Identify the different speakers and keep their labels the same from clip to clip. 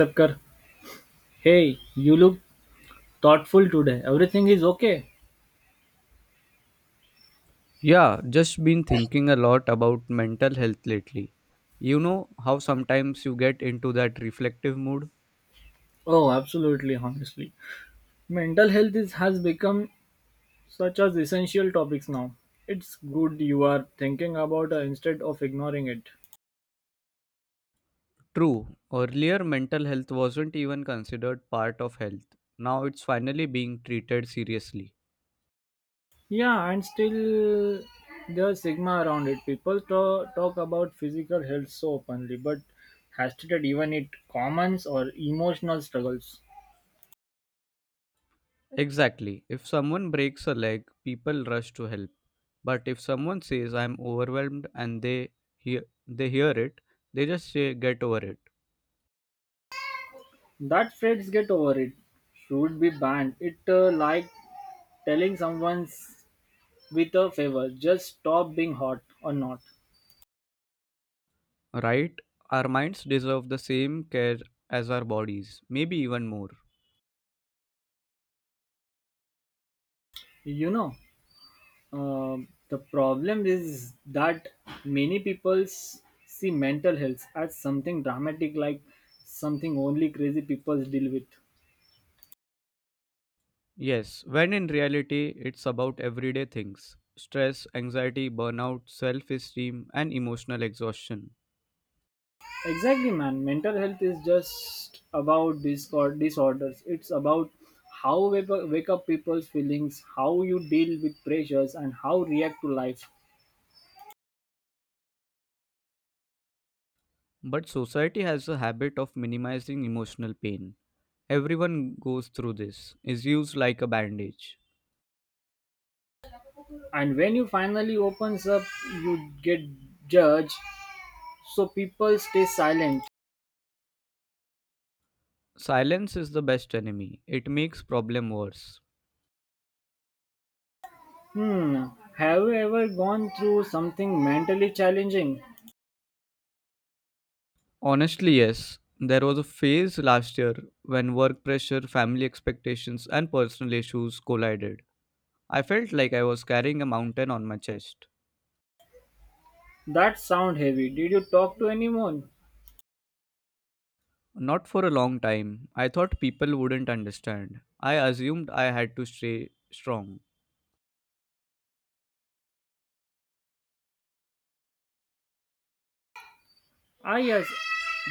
Speaker 1: Sapkar, hey, you look thoughtful today. Everything is okay?
Speaker 2: Yeah, just been thinking a lot about mental health lately. You know how sometimes you get into that reflective mood?
Speaker 1: Oh, absolutely, honestly. Mental health is, has become such as essential topics now. It's good you are thinking about it instead of ignoring it.
Speaker 2: True, earlier mental health wasn't even considered part of health. Now it's finally being treated seriously.
Speaker 1: Yeah, and still there's stigma around it. People talk about physical health so openly, but has treated even it commons or emotional struggles.
Speaker 2: Exactly. If someone breaks a leg, people rush to help. But if someone says I'm overwhelmed and they hear it, they just say get over it.
Speaker 1: That phrase get over it should be banned. It like telling someone's with a favor. Just stop being hot or not.
Speaker 2: Right? Our minds deserve the same care as our bodies, maybe even more.
Speaker 1: You know, the problem is that many people see mental health as something dramatic, like something only crazy people deal with.
Speaker 2: Yes, when in reality, it's about everyday things stress, anxiety, burnout, self esteem, and emotional exhaustion.
Speaker 1: Exactly, man. Mental health is just about discord disorders. It's about how wake up people's feelings, how you deal with pressures, and how react to life.
Speaker 2: But society has a habit of minimizing emotional pain. Everyone goes through this, is used like a bandage.
Speaker 1: And when you finally opens up, you get judged so people stay silent.
Speaker 2: Silence is the best enemy, it makes problem worse.
Speaker 1: Hmm, have you ever gone through something mentally challenging?
Speaker 2: Honestly, yes, there was a phase last year when work pressure, family expectations, and personal issues collided. I felt like I was carrying a mountain on my chest.
Speaker 1: That sound heavy. Did you talk to anyone?
Speaker 2: Not for a long time. I thought people wouldn't understand. I assumed I had to stay strong.
Speaker 1: Ah, yes,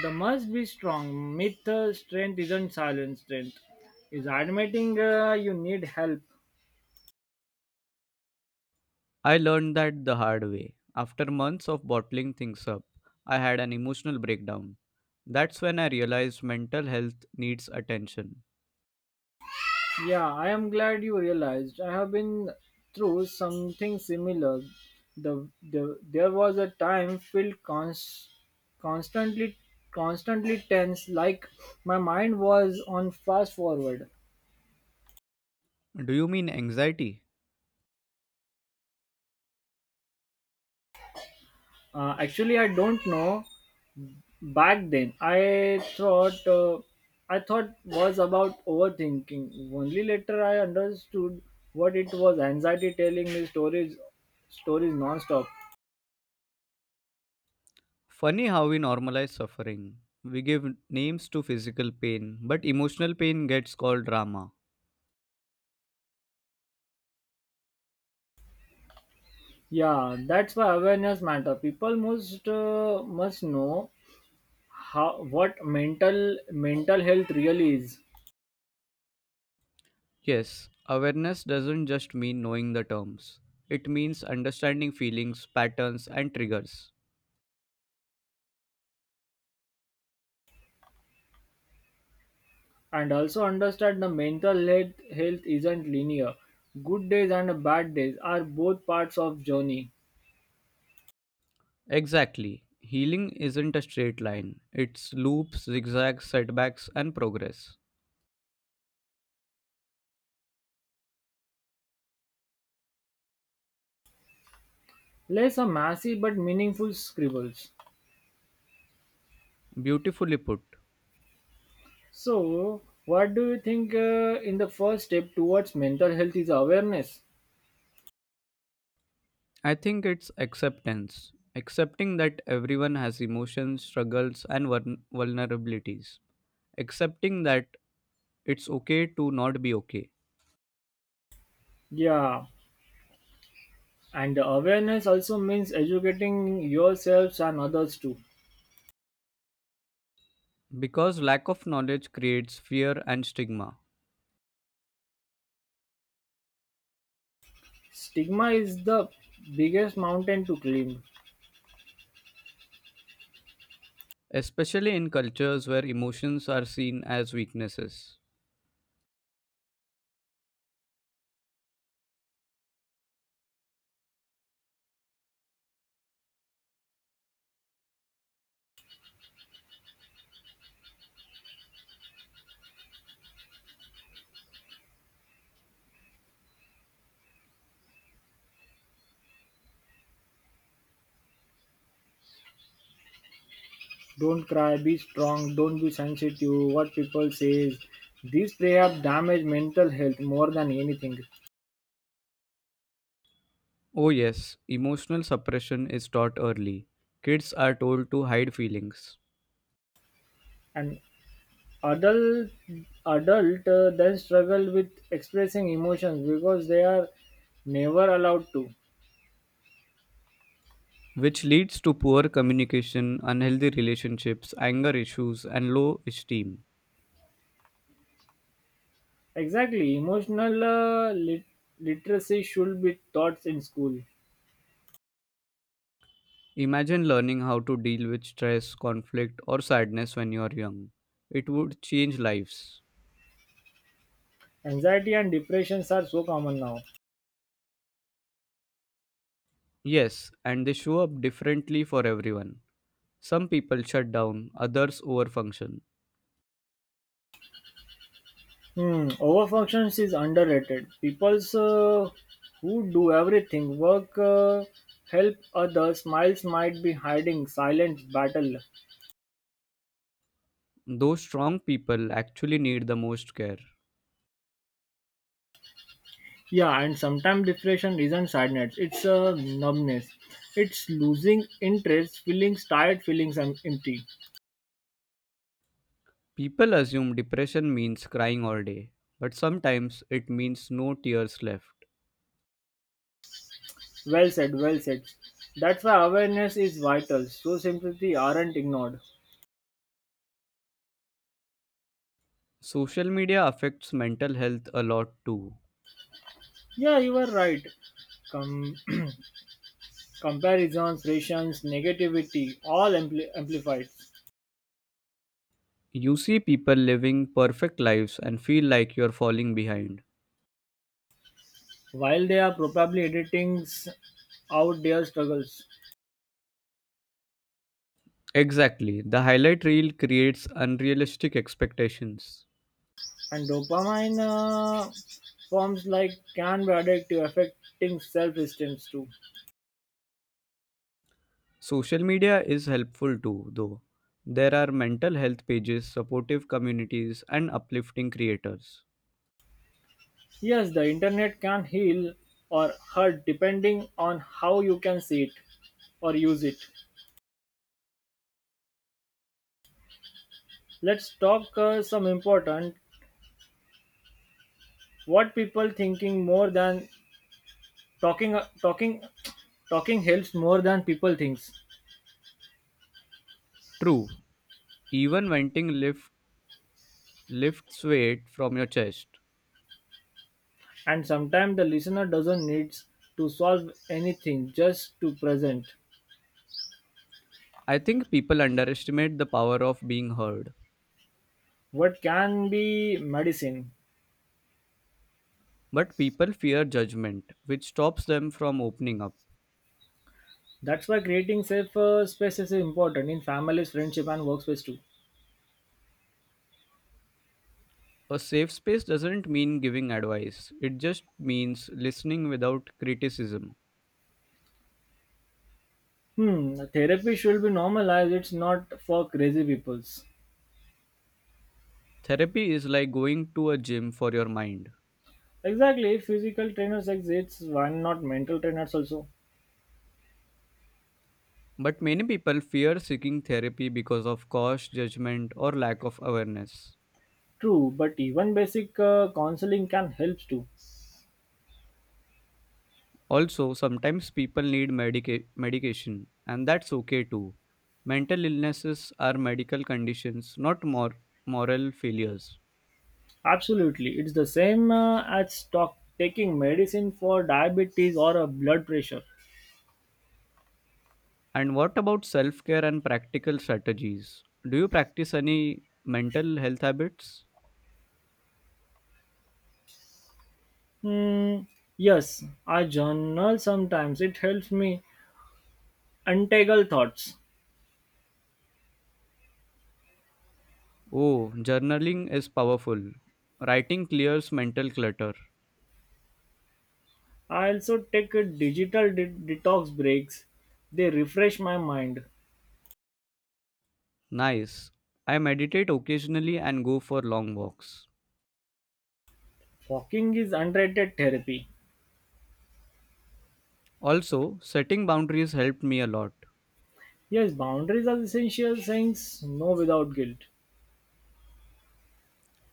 Speaker 1: the must be strong. Myth strength isn't silent strength. Is admitting you need help.
Speaker 2: I learned that the hard way. After months of bottling things up, I had an emotional breakdown. That's when I realized mental health needs attention.
Speaker 1: Yeah, I am glad you realized. I have been through something similar. The there was a time filled cons, constantly constantly tense, like my mind was on fast forward.
Speaker 2: Do you mean anxiety?
Speaker 1: Actually, I don't know. Back then, I thought was about overthinking. Only later I understood what it was. Anxiety telling me stories nonstop.
Speaker 2: Funny how we normalize suffering. We give names to physical pain, but emotional pain gets called drama.
Speaker 1: Yeah, that's why awareness matter. People must know how what mental health really is,
Speaker 2: Yes, awareness doesn't just mean knowing the terms. It means understanding feelings, patterns, and triggers.
Speaker 1: and also understand the mental health isn't linear. Good days and bad days are both parts of journey.
Speaker 2: Exactly. Healing isn't a straight line, it's loops, zigzags, setbacks, and progress.
Speaker 1: Less a massive but meaningful scribbles.
Speaker 2: Beautifully put.
Speaker 1: So, what do you think in the first step towards mental health is awareness?
Speaker 2: I think it's acceptance. Accepting that everyone has emotions, struggles, and vulnerabilities. Accepting that it's okay to not be okay.
Speaker 1: Yeah, and awareness also means educating yourselves and others too.
Speaker 2: Because lack of knowledge creates fear and stigma.
Speaker 1: Stigma is the biggest mountain to climb.
Speaker 2: Especially in cultures where emotions are seen as weaknesses.
Speaker 1: Don't cry, be strong, don't be sensitive. What people say is these prayers damage mental health more than anything.
Speaker 2: Oh, yes, emotional suppression is taught early. Kids are told to hide feelings,
Speaker 1: And adult adult then struggle with expressing emotions because they are never allowed to.
Speaker 2: which leads to poor communication, unhealthy relationships, anger issues, and low esteem.
Speaker 1: Exactly, emotional literacy should be taught in school.
Speaker 2: Imagine learning how to deal with stress, conflict, or sadness when you are young. It would change lives.
Speaker 1: Anxiety and depressions are so common now.
Speaker 2: Yes, and they show up differently for everyone. Some people shut down, others overfunction.
Speaker 1: Hmm, overfunctions is underrated. Peoples who do everything, work, help others, smiles might be hiding, silence, battle.
Speaker 2: Those strong people actually need the most care.
Speaker 1: Yeah, and sometimes depression isn't sadness, it's a numbness. It's losing interest, feelings tired, feelings empty.
Speaker 2: People assume depression means crying all day, but sometimes it means no tears left.
Speaker 1: Well said, well said. That's why awareness is vital, so sympathy aren't ignored.
Speaker 2: Social media affects mental health a lot too.
Speaker 1: Yeah, you are right. Com- comparisons, rations, negativity, all amplified.
Speaker 2: You see people living perfect lives and feel like you're falling behind.
Speaker 1: While they are probably editing out their struggles.
Speaker 2: Exactly, the highlight reel creates unrealistic expectations.
Speaker 1: And dopamine forms like can be addictive, affecting self-esteem too.
Speaker 2: Social media is helpful too, though. There are mental health pages, supportive communities, and uplifting creators.
Speaker 1: Yes, the internet can heal or hurt depending on how you can see it or use it. Let's talk some important what people thinking more than talking uh, talking talking helps more than people thinks,
Speaker 2: True, even lifts weight from your chest.
Speaker 1: and sometimes the listener doesn't need to solve anything just to present
Speaker 2: I think people underestimate the power of being heard,
Speaker 1: what can be medicine.
Speaker 2: but people fear judgment, which stops them from opening up.
Speaker 1: That's why creating safer spaces is important in families, friendship, and workspace too.
Speaker 2: A safe space doesn't mean giving advice, it just means listening without criticism.
Speaker 1: Hmm, therapy should be normalized. It's not for crazy peoples.
Speaker 2: Therapy is like going to a gym for your mind.
Speaker 1: Exactly, physical trainers exist. Why not mental trainers also?
Speaker 2: But many people fear seeking therapy because of cost, judgment, or lack of awareness.
Speaker 1: True, but even basic counseling can help too.
Speaker 2: Also, sometimes people need medication, and that's okay too. Mental illnesses are medical conditions, not moral failures.
Speaker 1: Absolutely, it's the same as taking medicine for diabetes or a blood pressure.
Speaker 2: And what about self care and practical strategies? Do you practice any mental health habits?
Speaker 1: Hmm. Yes, I journal sometimes. It helps me untangle thoughts.
Speaker 2: Oh, journaling is powerful. Writing clears mental clutter.
Speaker 1: I also take a digital detox breaks. They refresh my mind.
Speaker 2: Nice. I meditate occasionally and go for long walks.
Speaker 1: Walking is underrated therapy.
Speaker 2: Also, setting boundaries helped me a lot.
Speaker 1: Yes, boundaries are essential, saying no without guilt.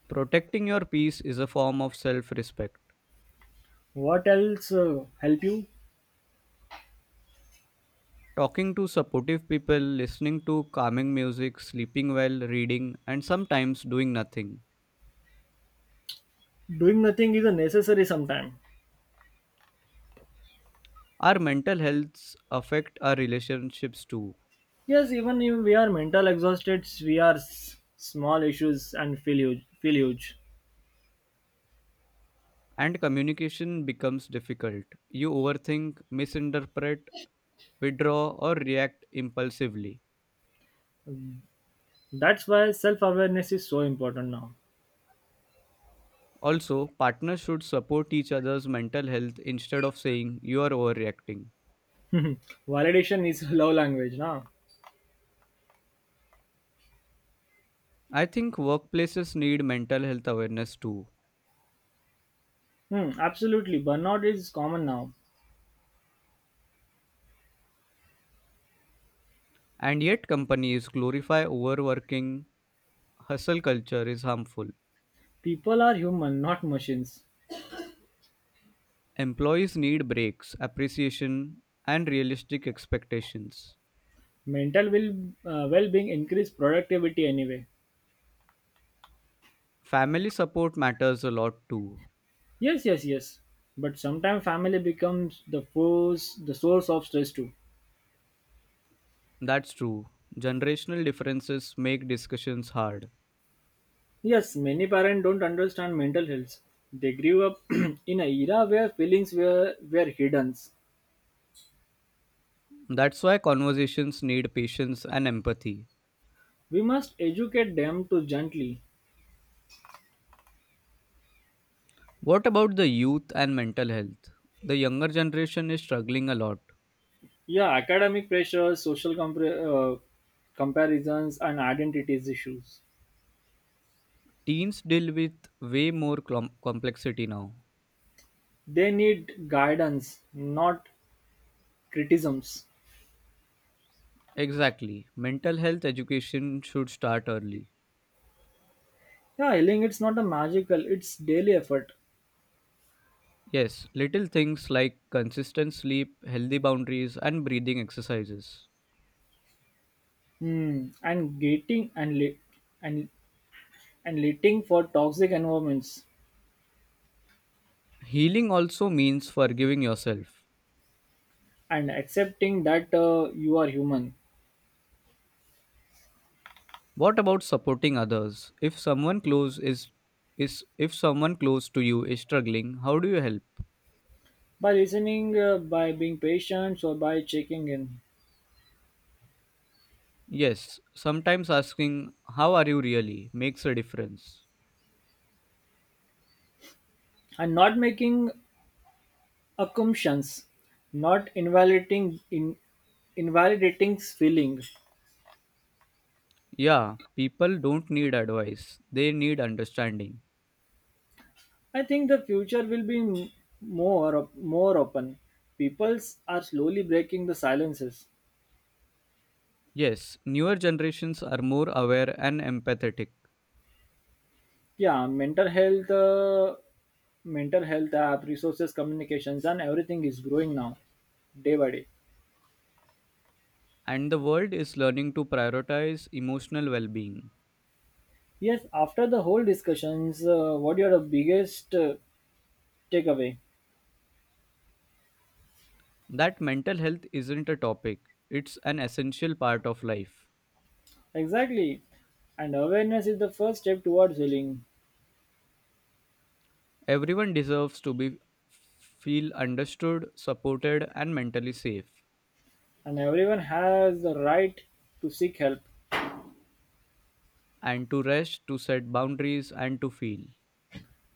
Speaker 2: Protecting your peace is a form of self respect.
Speaker 1: What else help you?
Speaker 2: Talking to supportive people, listening to calming music, sleeping well, reading, and sometimes doing nothing.
Speaker 1: Doing nothing is a necessary sometime.
Speaker 2: Our mental healths affect our relationships too,
Speaker 1: Yes, even if we are mental exhausted, we are small issues and feel huge. Feel huge.
Speaker 2: and communication becomes difficult. You overthink, misinterpret, withdraw, or react impulsively.
Speaker 1: That's why self-awareness is so important now.
Speaker 2: Also, partners should support each other's mental health instead of saying you are overreacting.
Speaker 1: Validation is love language now.
Speaker 2: I think workplaces need mental health awareness too.
Speaker 1: Hmm, absolutely. Burnout is common now.
Speaker 2: And yet, companies glorify overworking. Hustle culture is harmful.
Speaker 1: People are human, not machines.
Speaker 2: Employees need breaks, appreciation, and realistic expectations.
Speaker 1: Mental will, Well-being increase productivity anyway.
Speaker 2: Family support matters a lot too.
Speaker 1: Yes, yes, yes. But sometimes family becomes the force, the source of stress too.
Speaker 2: That's true. Generational differences make discussions hard.
Speaker 1: Yes, many parents don't understand mental health. They grew up in an era where feelings were hidden.
Speaker 2: That's why conversations need patience and empathy.
Speaker 1: We must educate them to gently.
Speaker 2: What about the youth and mental health? The younger generation is struggling a lot.
Speaker 1: Yeah, academic pressure, social comparisons, and identities issues.
Speaker 2: Teens deal with way more complexity now.
Speaker 1: They need guidance, not criticisms.
Speaker 2: Exactly. Mental health education should start early.
Speaker 1: Yeah, yelling it's not a magical, it's daily effort.
Speaker 2: Yes, little things like consistent sleep, healthy boundaries, and breathing exercises.
Speaker 1: Hmm. And and and letting for toxic environments
Speaker 2: Healing also means forgiving yourself.
Speaker 1: and accepting that you are human
Speaker 2: What about supporting others? If someone close is If someone close to you is struggling, how do you help?
Speaker 1: by listening, by being patient, or by checking in,
Speaker 2: Yes, sometimes asking how are you really makes a difference.
Speaker 1: and not making assumptions, not invalidating feeling.
Speaker 2: Yeah, people don't need advice. They need understanding.
Speaker 1: I think the future will be more open. Peoples are slowly breaking the silences.
Speaker 2: Yes, newer generations are more aware and empathetic,
Speaker 1: Yeah, mental health app, resources, communications, and everything is growing now, day by day.
Speaker 2: and the world is learning to prioritize emotional well being.
Speaker 1: Yes, after the whole discussions, what are the biggest takeaway?
Speaker 2: That mental health isn't a topic, it's an essential part of life.
Speaker 1: Exactly, and awareness is the first step towards healing,
Speaker 2: Everyone deserves to be feel understood, supported, and mentally safe,
Speaker 1: and everyone has the right to seek help.
Speaker 2: and to rest, to set boundaries, and to feel.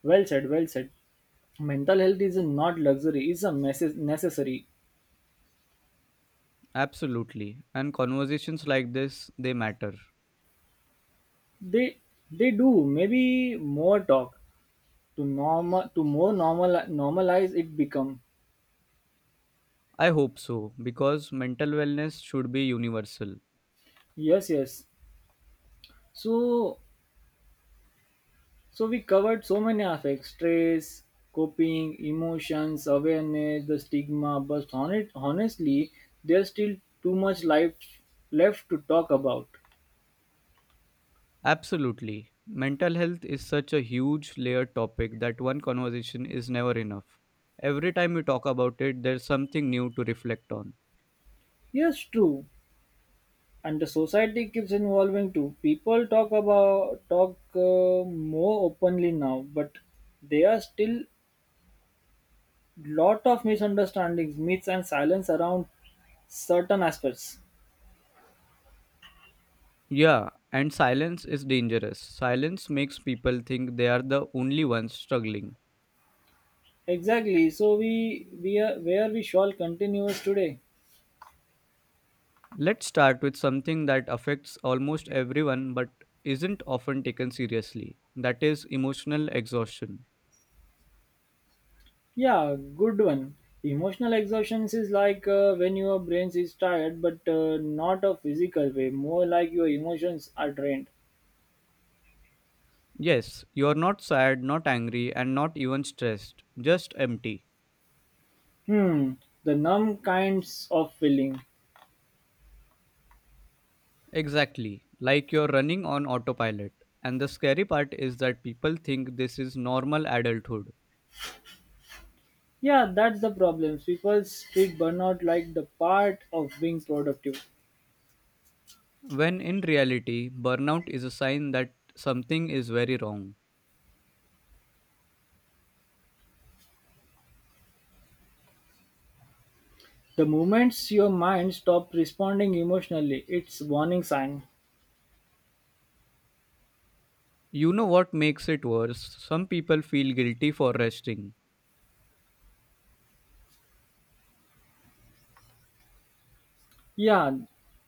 Speaker 1: Well said, well said. Mental health is not luxury; it's a necessary.
Speaker 2: Absolutely, and conversations like this they matter.
Speaker 1: They they do maybe more talk to normal to more normalize it become.
Speaker 2: I hope so because mental wellness should be universal.
Speaker 1: Yes, yes, so so we covered so many aspects stress coping emotions awareness the stigma but honestly there's still too much life left to talk about.
Speaker 2: Absolutely. Mental health is such a huge layered topic that one conversation is never enough. Every time we talk about it, there's something new to reflect on.
Speaker 1: Yes, true, and the society keeps evolving too people talk about talk more openly now but they are still lot of misunderstandings myths and silence around certain aspects.
Speaker 2: Yeah, and silence is dangerous. Silence makes people think they are the only ones struggling.
Speaker 1: Exactly, so we are where we shall continuous today.
Speaker 2: Let's start with something that affects almost everyone but isn't often taken seriously that is, emotional exhaustion.
Speaker 1: Yeah, good one. Emotional exhaustion is like when your brain is tired but not a physical way, more like your emotions are drained.
Speaker 2: Yes, you're not sad, not angry, and not even stressed, just empty.
Speaker 1: Hmm, the numb kinds of feeling.
Speaker 2: Exactly, like you're running on autopilot. And the scary part is that people think this is normal adulthood,
Speaker 1: Yeah, that's the problem, people treat burnout like the part of being productive.
Speaker 2: when in reality, burnout is a sign that something is very wrong.
Speaker 1: The moments your mind stops responding emotionally, it's warning sign.
Speaker 2: You know what makes it worse? Some people feel guilty for resting,
Speaker 1: Yeah,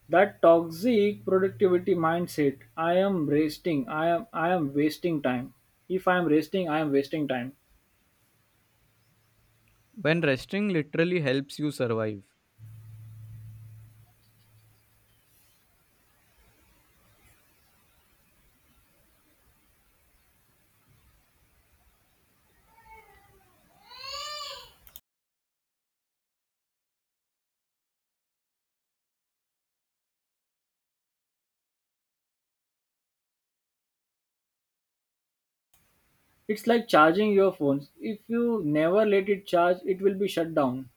Speaker 1: that toxic productivity mindset. I am wasting. I am wasting time. If I am resting, I am wasting time.
Speaker 2: when resting literally helps you survive.
Speaker 1: It's like charging your phones. If you never let it charge, it will be shut down.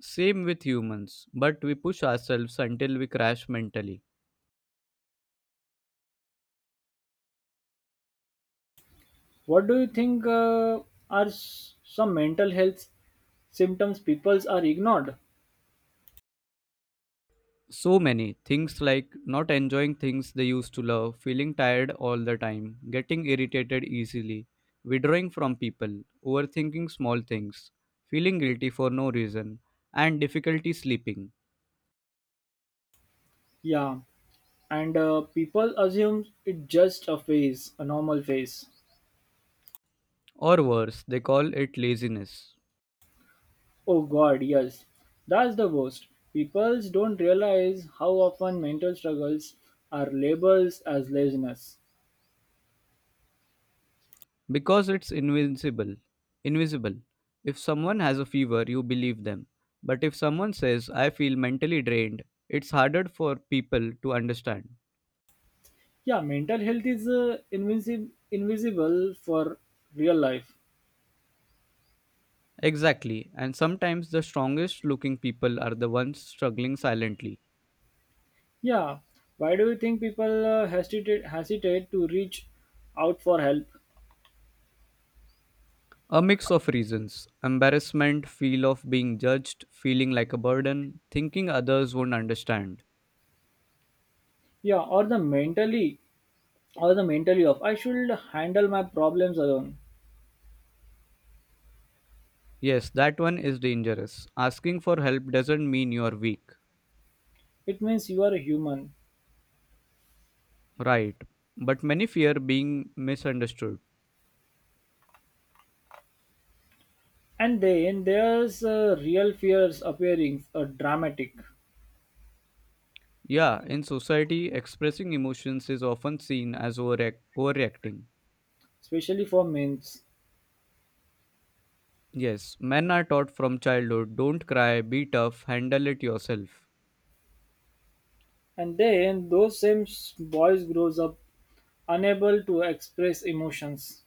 Speaker 2: Same with humans, but we push ourselves until we crash mentally.
Speaker 1: What do you think are some mental health symptoms people are ignored?
Speaker 2: So many things like not enjoying things they used to love, feeling tired all the time, getting irritated easily, withdrawing from people, overthinking small things, feeling guilty for no reason, and difficulty sleeping.
Speaker 1: Yeah, and people assume it's just a phase, a normal phase.
Speaker 2: Or worse, they call it laziness
Speaker 1: Oh god, yes. That's the worst. People don't realize how often mental struggles are labeled as laziness.
Speaker 2: because it's invincible. Invisible. If someone has a fever, you believe them. But if someone says, I feel mentally drained, it's harder for people to understand.
Speaker 1: Yeah, mental health is invisible for real life.
Speaker 2: Exactly, and sometimes the strongest looking people are the ones struggling silently.
Speaker 1: Yeah, why do you think people hesitate to reach out for help?
Speaker 2: A mix of reasons embarrassment, feel of being judged, feeling like a burden, thinking others won't understand.
Speaker 1: Yeah, or the mentally of I should handle my problems alone.
Speaker 2: Yes, that one is dangerous. Asking for help doesn't mean you're weak.
Speaker 1: It means you are a human.
Speaker 2: Right, but many fear being misunderstood.
Speaker 1: And then there's real fears appearing, dramatic.
Speaker 2: Yeah, in society, expressing emotions is often seen as overreacting.
Speaker 1: Especially for males.
Speaker 2: Yes, men are taught from childhood don't cry, be tough, handle it yourself.
Speaker 1: And then those same boys grows up unable to express emotions,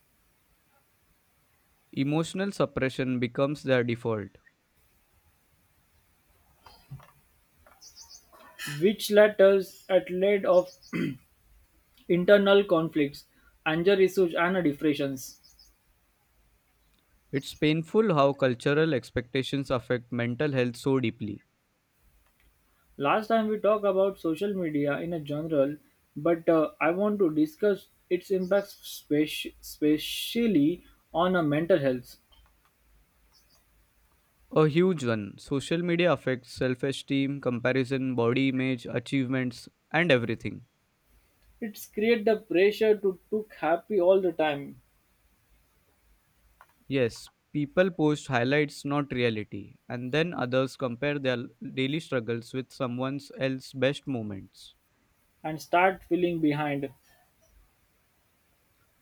Speaker 2: Emotional suppression becomes their default.
Speaker 1: which letters at lead of internal conflicts, anger issues, and depressions.
Speaker 2: It's painful how cultural expectations affect mental health so deeply.
Speaker 1: Last time we talked about social media in a general, but I want to discuss its impact especially on a mental health.
Speaker 2: A huge one. Social media affects self esteem, comparison, body image, achievements, and everything.
Speaker 1: It's create the pressure to look happy all the time
Speaker 2: Yes, people post highlights, not reality, and then others compare their daily struggles with someone else's best moments.
Speaker 1: and start feeling behind.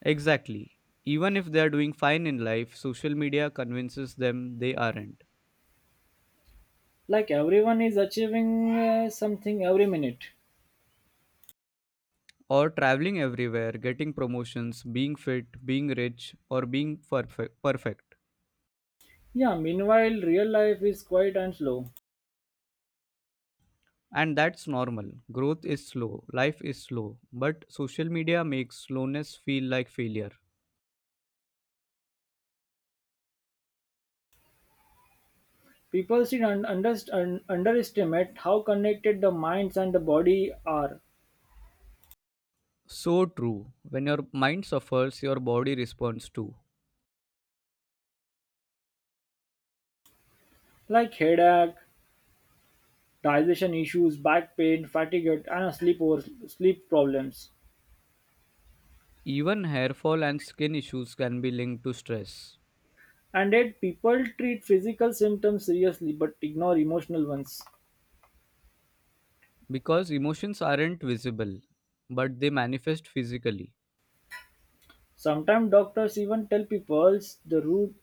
Speaker 2: Exactly. Even if they are doing fine in life, social media convinces them they aren't.
Speaker 1: Like everyone is achieving something every minute.
Speaker 2: Or traveling everywhere, getting promotions, being fit, being rich, or being perfect.
Speaker 1: Yeah, meanwhile, real life is quiet and slow.
Speaker 2: And that's normal. Growth is slow, life is slow, but social media makes slowness feel like failure.
Speaker 1: People should underestimate how connected the minds and the body are,
Speaker 2: So true. When your mind suffers, your body responds too.
Speaker 1: like headache, digestion issues, back pain, fatigue, and sleep problems.
Speaker 2: Even hair fall and skin issues can be linked to stress
Speaker 1: And yet, people treat physical symptoms seriously but ignore emotional ones.
Speaker 2: because emotions aren't visible, but they manifest physically.
Speaker 1: Sometimes doctors even tell people the root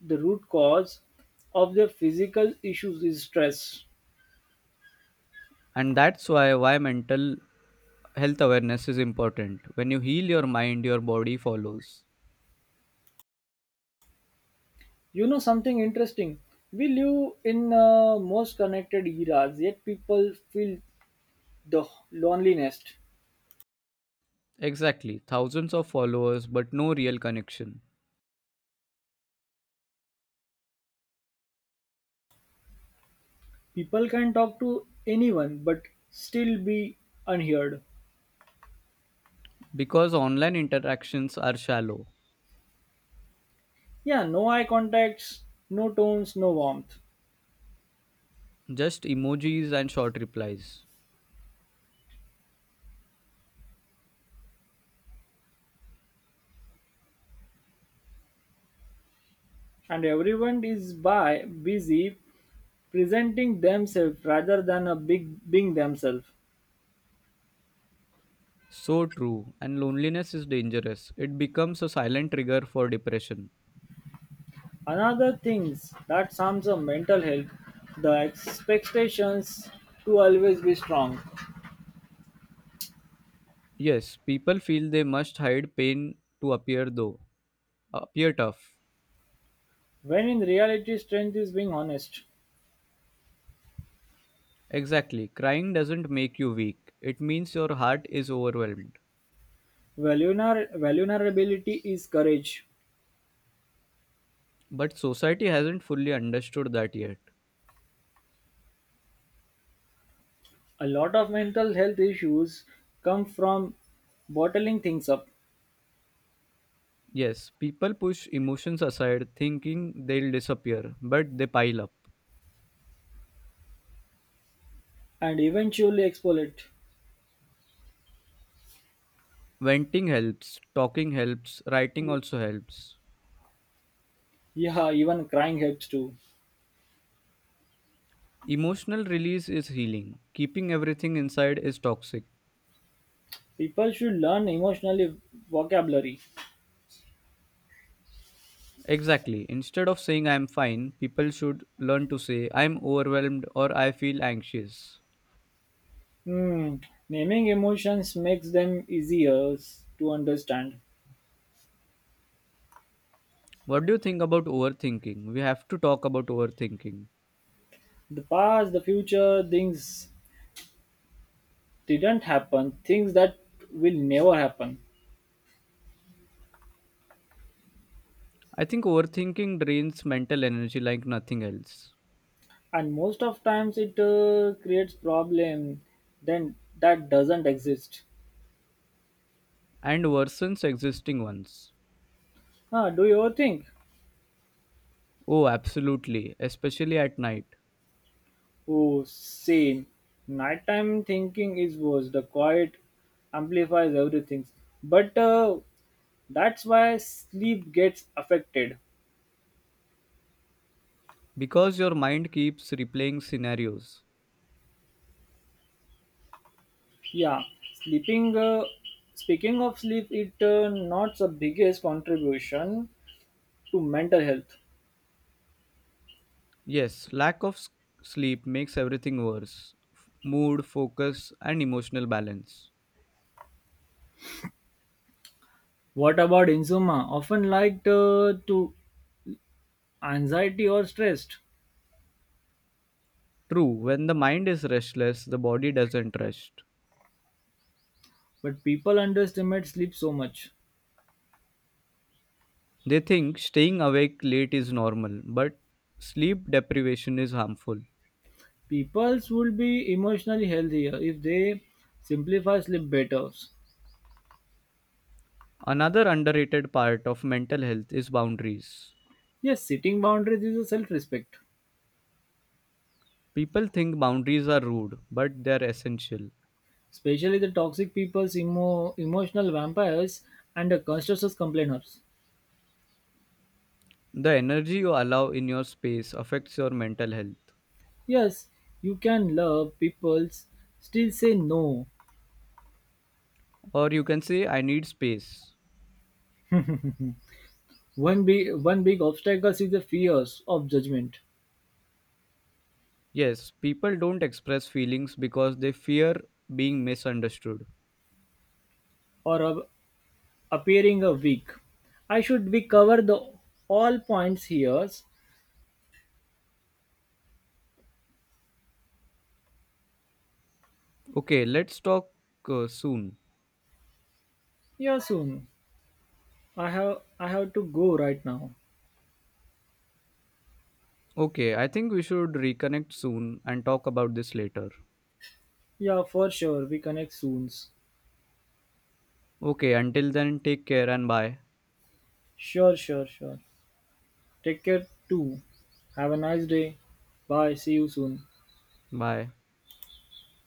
Speaker 1: the root cause of their physical issues is stress.
Speaker 2: And that's why mental health awareness is important. When you heal your mind, your body follows.
Speaker 1: You know something interesting? We live in most connected eras, yet people feel the loneliness.
Speaker 2: Exactly. Thousands of followers, but no real connection.
Speaker 1: People can talk to anyone, but still be unheard.
Speaker 2: Because online interactions are shallow,
Speaker 1: Yeah, no eye contacts, no tones, no warmth,
Speaker 2: just emojis and short replies.
Speaker 1: and everyone is by busy presenting themselves rather than a big being themselves.
Speaker 2: So true. And loneliness is dangerous. It becomes a silent trigger for depression.
Speaker 1: Another things that harms the mental health, the expectations to always be strong.
Speaker 2: Yes, people feel they must hide pain to appear though. Appear tough.
Speaker 1: When in reality strength is being honest.
Speaker 2: Exactly. Crying doesn't make you weak. It means your heart is overwhelmed.
Speaker 1: Vulnerability is courage.
Speaker 2: But society hasn't fully understood that yet.
Speaker 1: A lot of mental health issues come from bottling things up
Speaker 2: Yes, people push emotions aside thinking they'll disappear, but they pile up.
Speaker 1: and eventually explode it.
Speaker 2: Venting helps, talking helps, writing also helps.
Speaker 1: Yeah, even crying helps too.
Speaker 2: Emotional release is healing. Keeping everything inside is toxic.
Speaker 1: People should learn emotional vocabulary.
Speaker 2: Exactly. Instead of saying I'm fine, people should learn to say I'm overwhelmed or I feel anxious.
Speaker 1: Hmm, naming emotions makes them easier to understand.
Speaker 2: What do you think about overthinking? We have to talk about overthinking.
Speaker 1: The past, the future, things didn't happen, things that will never happen.
Speaker 2: I think overthinking drains mental energy like nothing else.
Speaker 1: And most of times it creates problem then that doesn't exist.
Speaker 2: And worsens existing ones.
Speaker 1: Ah, do you think
Speaker 2: Oh, absolutely, especially at night,
Speaker 1: oh same nighttime thinking is worse the quiet amplifies everything but that's why sleep gets affected.
Speaker 2: because your mind keeps replaying scenarios.
Speaker 1: Yeah, sleeping speaking of sleep it not the biggest contribution to mental health.
Speaker 2: Yes, sleep makes everything worse, mood, focus, and emotional balance.
Speaker 1: What about insomnia often linked to anxiety or stress?
Speaker 2: True, when the mind is restless, the body doesn't rest.
Speaker 1: But people underestimate sleep so much.
Speaker 2: They think staying awake late is normal, but sleep deprivation is harmful.
Speaker 1: Peoples would be emotionally healthier if they simplify sleep better.
Speaker 2: Another underrated part of mental health is boundaries.
Speaker 1: Yes, setting boundaries is a self-respect.
Speaker 2: People think boundaries are rude, but they're essential.
Speaker 1: Especially the toxic people's emotional vampires and the constructive complainers.
Speaker 2: The energy you allow in your space affects your mental health.
Speaker 1: Yes, you can love people's still say no.
Speaker 2: Or you can say, I need space.
Speaker 1: One big obstacle is the fears of judgment
Speaker 2: Yes, people don't express feelings because they fear being misunderstood.
Speaker 1: or of appearing a weak. I should be cover the all points here.
Speaker 2: Okay, let's talk soon.
Speaker 1: Here soon. I have to go right now.
Speaker 2: Okay, I think we should reconnect soon and talk about this later.
Speaker 1: Yeah, for sure. We connect soon.
Speaker 2: Okay, until then, take care and bye.
Speaker 1: Sure, sure, sure. Take care too. Have a nice day. Bye. See you soon.
Speaker 2: Bye.